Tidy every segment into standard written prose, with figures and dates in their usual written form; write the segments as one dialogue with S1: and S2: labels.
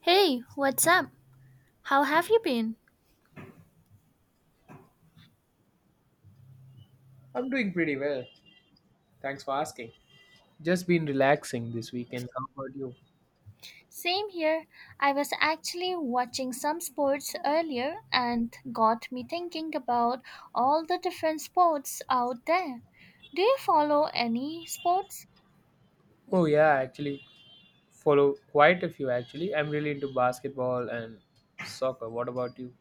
S1: Hey, what's up? How have you been?
S2: I'm doing pretty well. Thanks for asking. Just been relaxing this weekend. How about you?
S1: Same here. I was actually watching some sports earlier and got me thinking about all the different sports out there. Do you follow any sports?
S2: Oh yeah, actually follow quite a few actually. I'm really into basketball and soccer. What about you?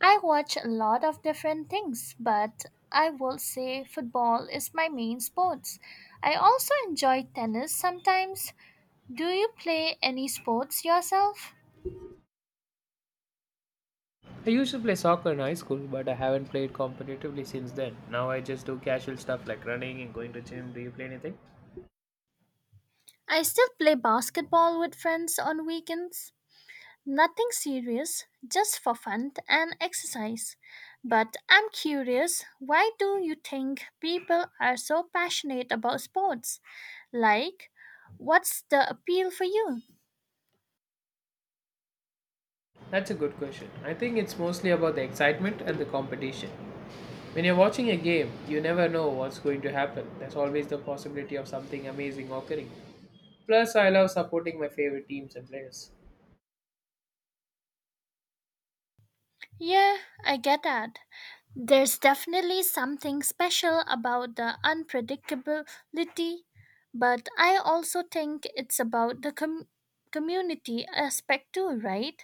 S1: I watch a lot of different things, but I will say football is my main sports. I also enjoy tennis sometimes. Do you play any sports yourself?
S2: I used to play soccer in high school, but I haven't played competitively since then. Now I just do casual stuff like running and going to gym. Do you play anything?
S1: I still play basketball with friends on weekends. Nothing serious, just for fun and exercise. But I'm curious, why do you think people are so passionate about sports? Like, what's the appeal for you?
S2: That's a good question. I think it's mostly about the excitement and the competition. When you're watching a game, you never know what's going to happen. There's always the possibility of something amazing occurring. Plus, I love supporting my favorite teams and players.
S1: Yeah, I get that. There's definitely something special about the unpredictability, but I also think it's about the community aspect too, right?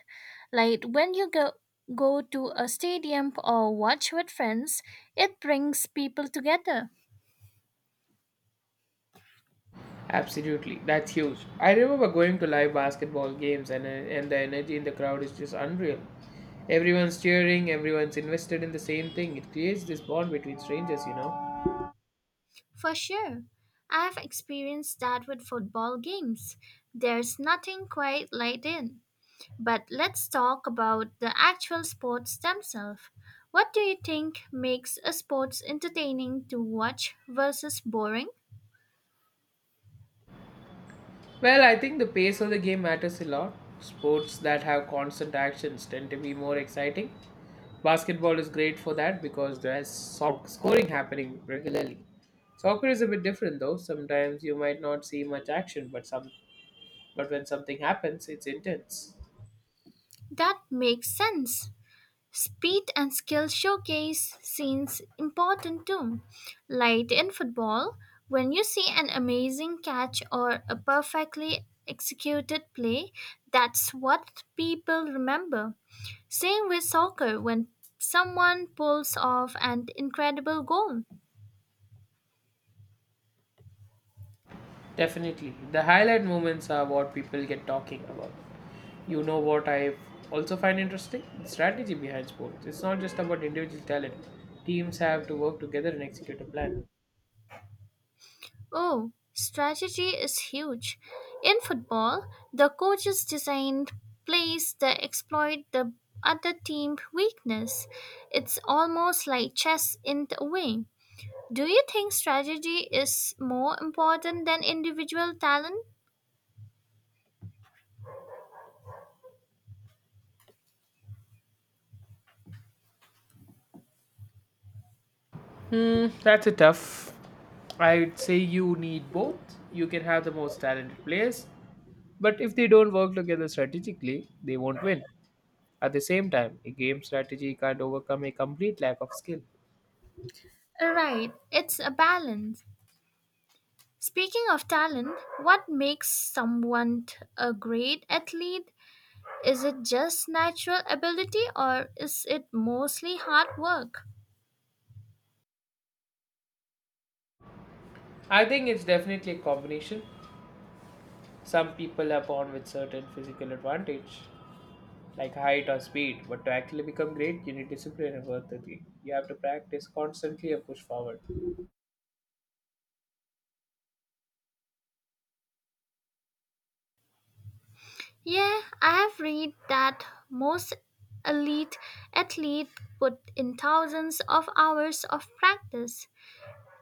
S1: Like when you go to a stadium or watch with friends, it brings people together.
S2: Absolutely, that's huge. I remember going to live basketball games, and the energy in the crowd is just unreal. Everyone's cheering, everyone's invested in the same thing. It creates this bond between strangers, you know.
S1: For sure. I've experienced that with football games. There's nothing quite like it. But let's talk about the actual sports themselves. What do you think makes a sports entertaining to watch versus boring?
S2: Well, I think the pace of the game matters a lot. Sports that have constant actions tend to be more exciting. Basketball is great for that because there's scoring happening regularly. Soccer is a bit different though. Sometimes you might not see much action, but when something happens, it's intense.
S1: That makes sense. Speed and skill showcase scenes important too. Like in football, when you see an amazing catch or a perfectly executed play, that's what people remember. Same with soccer when someone pulls off an incredible goal.
S2: Definitely. The highlight moments are what people get talking about. You know what I also find interesting? The strategy behind sports. It's not just about individual talent. Teams have to work together and execute a plan.
S1: Oh, strategy is huge. In football, the coaches design plays that exploit the other team's weakness. It's almost like chess in a way. Do you think strategy is more important than individual talent?
S2: That's a tough. I'd say you need both. You can have the most talented players, but if they don't work together strategically, they won't win. At the same time, a game strategy can't overcome a complete lack of skill.
S1: Right, it's a balance. Speaking of talent, what makes someone a great athlete? Is it just natural ability or is it mostly hard work?
S2: I think it's definitely a combination. Some people are born with certain physical advantage, like height or speed, but to actually become great, you need discipline and worth ethic. You have to practice constantly and push forward.
S1: Yeah, I have read that most elite athletes put in thousands of hours of practice.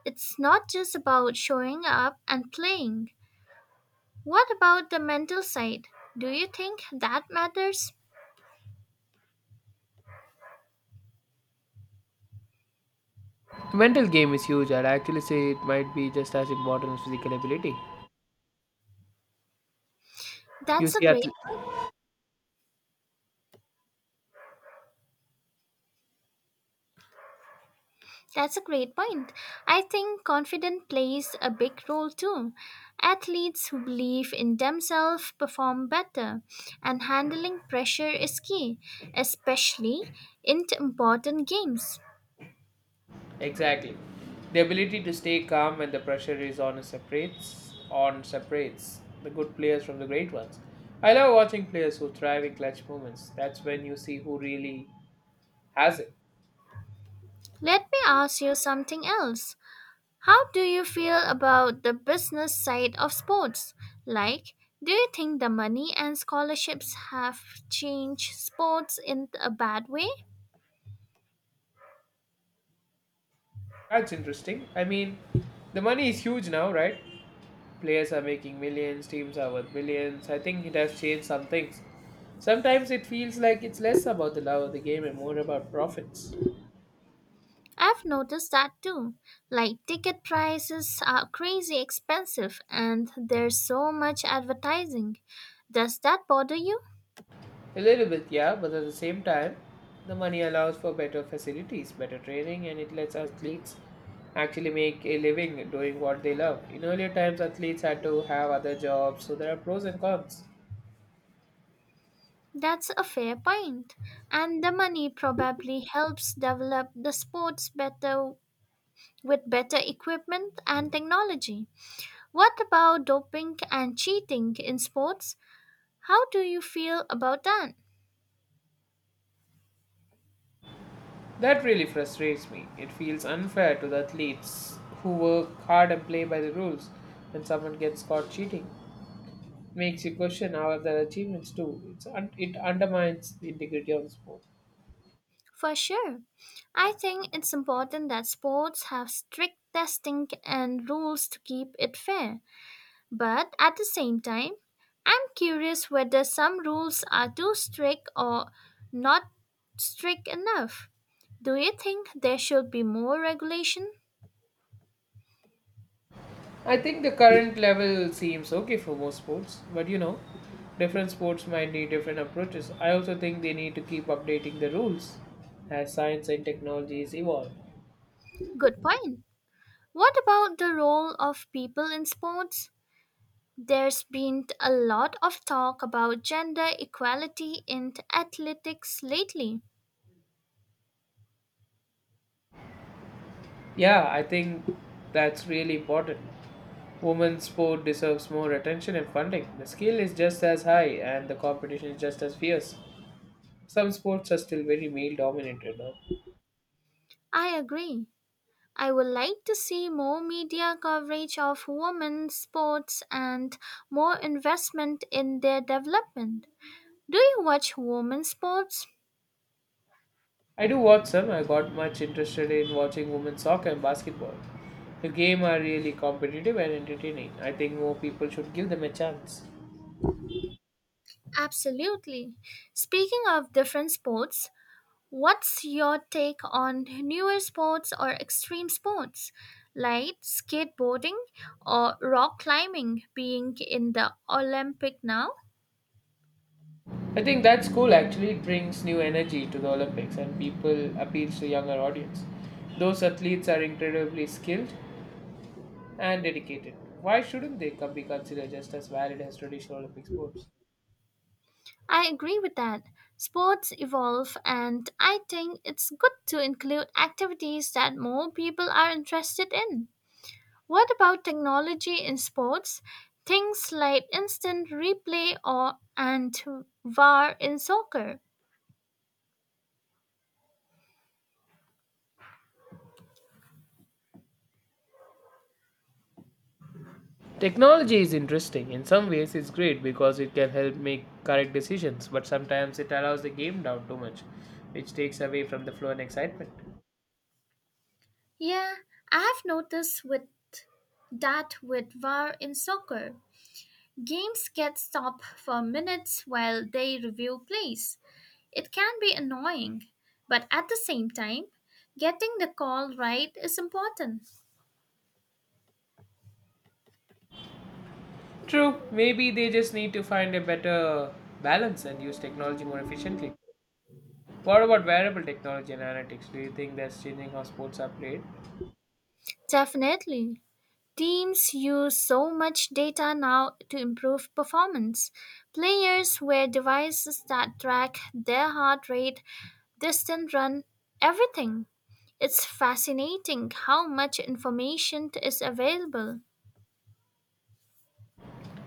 S1: It's not just about showing up and playing. What about the mental side? Do you think that matters?
S2: The mental game is huge. I'd actually say it might be just as important as physical ability. You
S1: That's a
S2: see,
S1: great
S2: athl-
S1: That's a great point. I think confidence plays a big role too. Athletes who believe in themselves perform better, and handling pressure is key, especially in important games.
S2: exactly, the ability to stay calm when the pressure is on is separates on separates the good players from the great ones. I love watching players who thrive in clutch moments. That's when you see who really has it.
S1: Let me ask you something else. How do you feel about the business side of sports? Like, do you think the money and scholarships have changed sports in a bad way?
S2: That's interesting. I mean, the money is huge now, right? Players are making millions, teams are worth billions. I think it has changed some things. Sometimes it feels like it's less about the love of the game and more about profits.
S1: I've noticed that too. Like ticket prices are crazy expensive and there's so much advertising. Does that bother you?
S2: A little bit, yeah, but at the same time, the money allows for better facilities, better training, and it lets athletes actually make a living doing what they love. In earlier times, athletes had to have other jobs, so there are pros and cons.
S1: That's a fair point. And the money probably helps develop the sports better with better equipment and technology. What about doping and cheating in sports? How do you feel about that?
S2: That really frustrates me. It feels unfair to the athletes who work hard and play by the rules. When someone gets caught cheating, it makes you question how their achievements do. It undermines the integrity of the sport.
S1: For sure. I think it's important that sports have strict testing and rules to keep it fair. But at the same time, I'm curious whether some rules are too strict or not strict enough. Do you think there should be more regulation?
S2: I think the current level seems okay for most sports, but different sports might need different approaches. I also think they need to keep updating the rules as science and technologies evolve.
S1: Good point. What about the role of people in sports? There's been a lot of talk about gender equality in athletics lately.
S2: Yeah, I think that's really important. Women's sport deserves more attention and funding. The skill is just as high and the competition is just as fierce. Some sports are still very male dominated now.
S1: I agree. I would like to see more media coverage of women's sports and more investment in their development. Do you watch women's sports?
S2: I do watch some. I got much interested in watching women's soccer and basketball. The game are really competitive and entertaining. I think more people should give them a chance.
S1: Absolutely. Speaking of different sports, what's your take on newer sports or extreme sports like skateboarding or rock climbing being in the Olympic now?
S2: I think that's cool actually. It brings new energy to the Olympics and people appeals to younger audience. Those athletes are incredibly skilled and dedicated. Why shouldn't they be considered just as valid as traditional Olympic sports?
S1: I agree with that. Sports evolve, and I think it's good to include activities that more people are interested in. What about technology in sports? Things like instant replay or and VAR in soccer.
S2: Technology is interesting. In some ways, it's great because it can help make correct decisions, but sometimes it allows the game down too much, which takes away from the flow and excitement.
S1: Yeah, I have noticed with VAR in soccer. Games get stopped for minutes while they review plays. It can be annoying, but at the same time, getting the call right is important.
S2: True, maybe they just need to find a better balance and use technology more efficiently. What about wearable technology and analytics? Do you think that's changing how sports are played?
S1: Definitely. Teams use so much data now to improve performance. Players wear devices that track their heart rate, distance run, everything. It's fascinating how much information is available.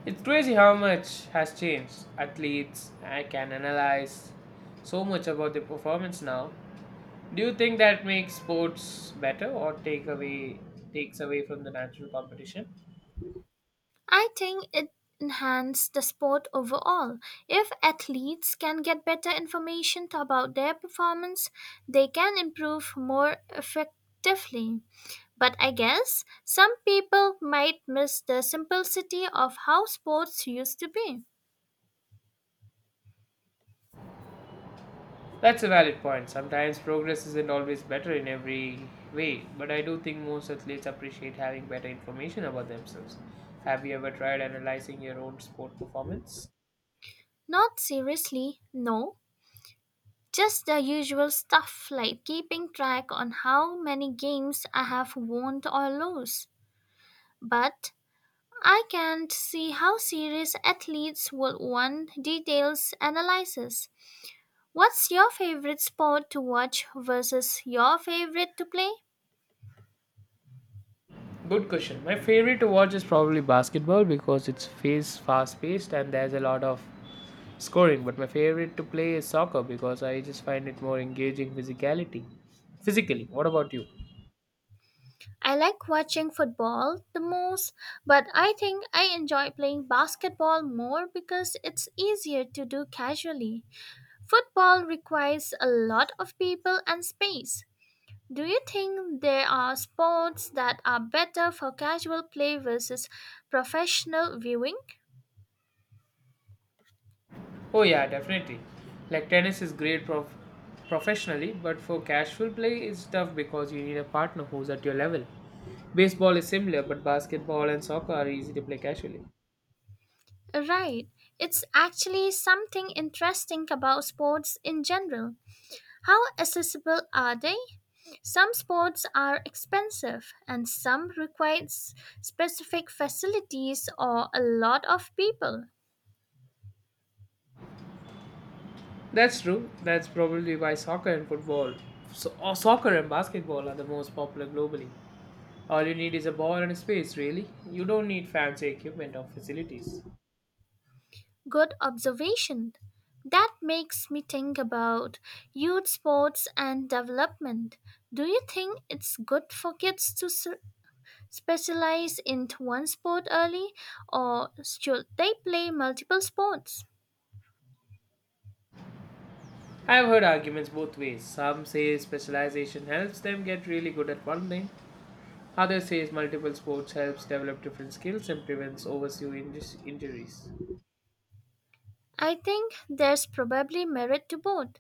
S2: It's crazy how much has changed. Athletes I can analyze so much about their performance now. Do you think that makes sports better or takes away from the natural competition?
S1: I think it enhances the sport overall. If athletes can get better information about their performance, they can improve more effectively. But I guess some people might miss the simplicity of how sports used to be.
S2: That's a valid point. Sometimes progress isn't always better in every way, but I do think most athletes appreciate having better information about themselves. Have you ever tried analyzing your own sport performance?
S1: Not seriously, no. Just the usual stuff like keeping track on how many games I have won or lost. But I can't see how serious athletes would want details analysis. What's your favorite sport to watch versus your favorite to play?
S2: Good question. My favorite to watch is probably basketball because it's face fast paced and there's a lot of scoring, but my favorite to play is soccer because I just find it more engaging physicality. Physically, what about you?
S1: I like watching football the most, but I think I enjoy playing basketball more because it's easier to do casually. Football requires a lot of people and space. Do you think there are sports that are better for casual play versus professional viewing?
S2: Oh yeah, definitely. Like tennis is great professionally, but for casual play it's tough because you need a partner who's at your level. Baseball is similar, but basketball and soccer are easy to play casually.
S1: Right. It's actually something interesting about sports in general. How accessible are they? Some sports are expensive and some require specific facilities or a lot of people.
S2: That's true. That's probably why soccer and football, so, or soccer and basketball are the most popular globally. All you need is a ball and a space, really. You don't need fancy equipment or facilities.
S1: Good observation. That makes me think about youth sports and development. Do you think it's good for kids to specialize in one sport early, or should they play multiple sports?
S2: I've heard arguments both ways. Some say specialization helps them get really good at one thing. Others say multiple sports helps develop different skills and prevents injuries.
S1: I think there's probably merit to both.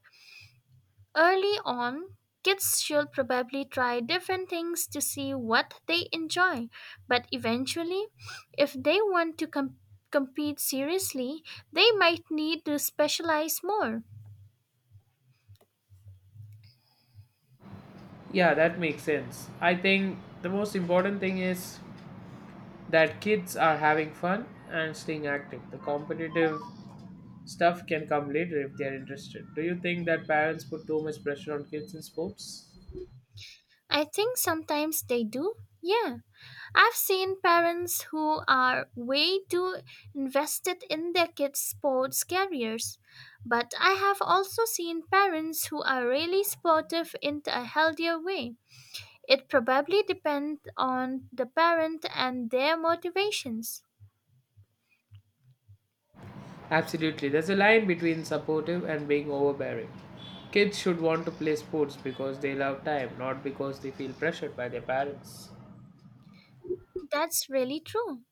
S1: Early on, kids should probably try different things to see what they enjoy, but eventually, if they want to compete seriously, they might need to specialize more.
S2: Yeah, that makes sense. I think the most important thing is that kids are having fun and staying active. The competitive stuff can come later if they are interested. Do you think that parents put too much pressure on kids in sports?
S1: I think sometimes they do, yeah. I've seen parents who are way too invested in their kids' sports careers, but I have also seen parents who are really sportive in a healthier way. It probably depends on the parent and their motivations.
S2: Absolutely. There's a line between supportive and being overbearing. Kids should want to play sports because they love time, not because they feel pressured by their parents.
S1: That's really true.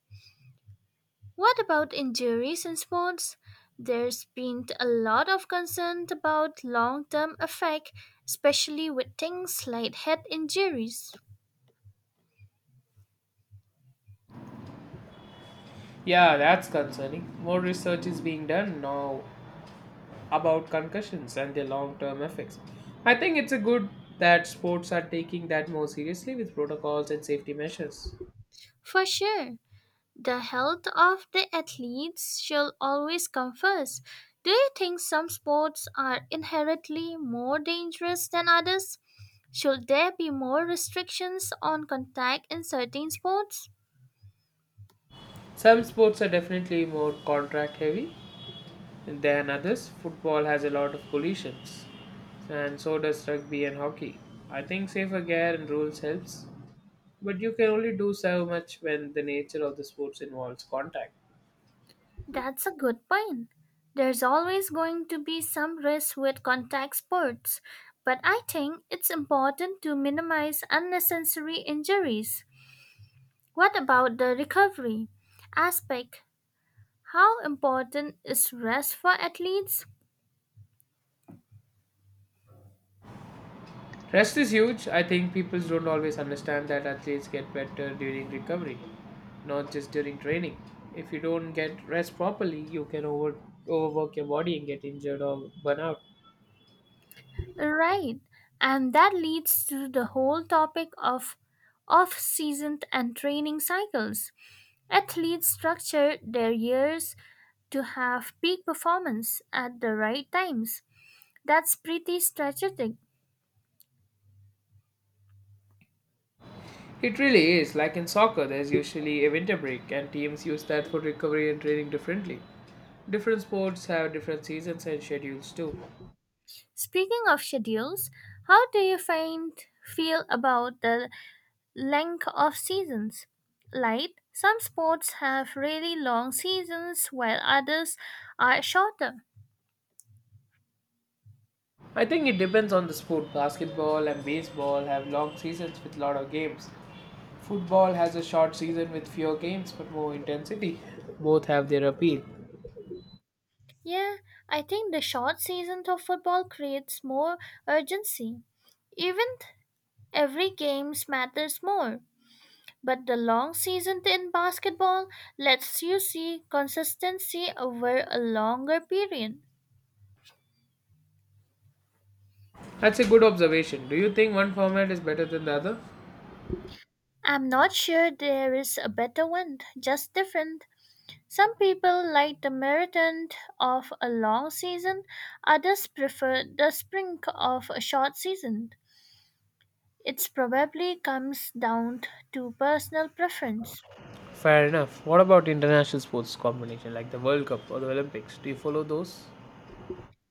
S1: What about injuries in sports? There's been a lot of concern about long-term effect, especially with things like head injuries.
S2: Yeah, that's concerning. More research is being done now about concussions and their long term effects. I think it's a good that sports are taking that more seriously with protocols and safety measures.
S1: For sure. The health of the athletes shall always come first. Do you think some sports are inherently more dangerous than others? Should there be more restrictions on contact in certain sports?
S2: Some sports are definitely more contract heavy, than others. Football has a lot of collisions, and so does rugby and hockey. I think safer gear and rules helps, but you can only do so much when the nature of the sports involves contact.
S1: That's a good point. There's always going to be some risk with contact sports, but I think it's important to minimize unnecessary injuries. What about the recovery aspect? How important is rest for athletes?
S2: Rest is huge. I think people don't always understand that athletes get better during recovery, not just during training. If you don't get rest properly, you can overwork your body and get injured or burn out.
S1: Right. And that leads to the whole topic of off season and training cycles. Athletes structure their years to have peak performance at the right times. That's pretty strategic.
S2: It really is. Like in soccer, there's usually a winter break, and teams use that for recovery and training differently. Different sports have different seasons and schedules too.
S1: Speaking of schedules, how do you find feel about the length of seasons. Like some sports have really long seasons while others are shorter.
S2: I think it depends on the sport. Basketball and baseball have long seasons with lot of games. Football has a short season with fewer games but more intensity. Both have their appeal.
S1: Yeah, I think the short season of football creates more urgency. Even every game matters more. But the long season in basketball lets you see consistency over a longer period.
S2: That's a good observation. Do you think one format is better than the other?
S1: I'm not sure there is a better one, just different. Some people like the marathon of a long season, others prefer the sprint of a short season. It probably comes down to personal preference.
S2: Fair enough. What about international sports combination like the World Cup or the Olympics? Do you follow those?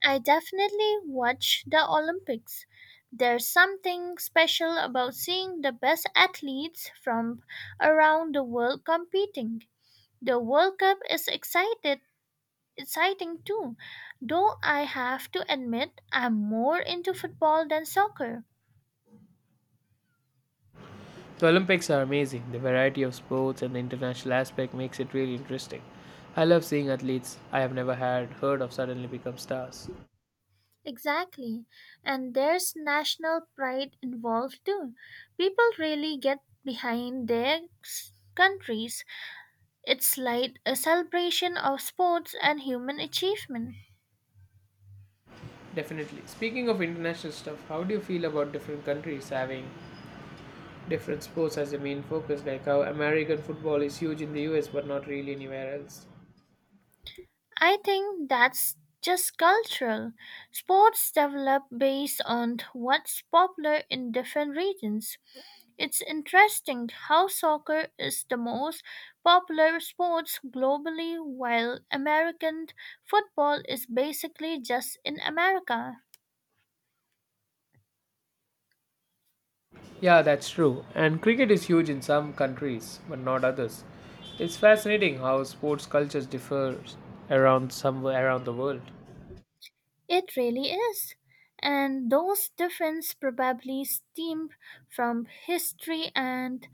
S1: I definitely watch the Olympics. There's something special about seeing the best athletes from around the world competing. The World Cup is exciting too, though I have to admit I'm more into football than soccer.
S2: The Olympics are amazing. The variety of sports and the international aspect makes it really interesting. I love seeing athletes I have never had heard of suddenly become stars.
S1: Exactly. And there's national pride involved too. People really get behind their countries. It's like a celebration of sports and human achievement.
S2: Definitely. Speaking of international stuff, how do you feel about different countries having different sports as a main focus, like how American football is huge in the US but not really anywhere else?
S1: I think that's just cultural. Sports develop based on what's popular in different regions. It's interesting how soccer is the most popular sport globally while American football is basically just in America.
S2: Yeah, that's true. And cricket is huge in some countries but not others. It's fascinating how sports cultures differ around the world.
S1: It really is. And those differences probably stem from history and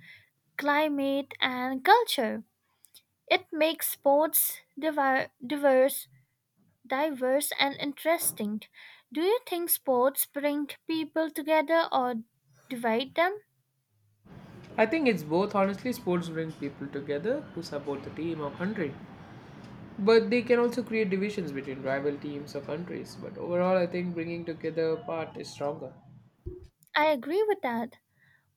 S1: climate and culture. It makes sports diverse, diverse and interesting. Do you think sports bring people together or divide them?
S2: I think it's both. Honestly, sports bring people together who support the team or country. But they can also create divisions between rival teams or countries. But overall, I think bringing together part is stronger.
S1: I agree with that.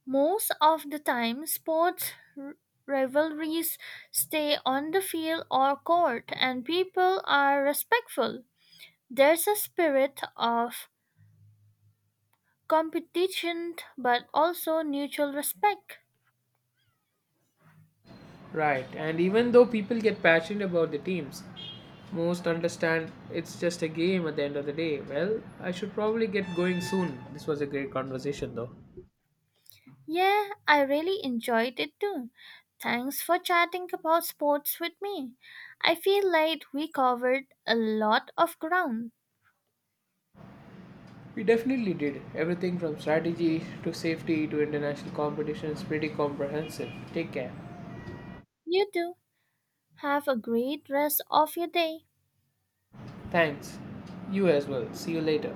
S1: Most of the time, sports r- rivalries stay on the field or court, and people are respectful. There's a spirit of competition but also mutual respect.
S2: Right, and even though people get passionate about the teams, most understand it's just a game at the end of the day. Well, I should probably get going soon. This was a great conversation, though.
S1: Yeah, I really enjoyed it too. Thanks for chatting about sports with me. I feel like we covered a lot of ground.
S2: We definitely did. Everything from strategy to safety to international competition is pretty comprehensive. Take care.
S1: You too. Have a great rest of your day.
S2: Thanks. You as well. See you later.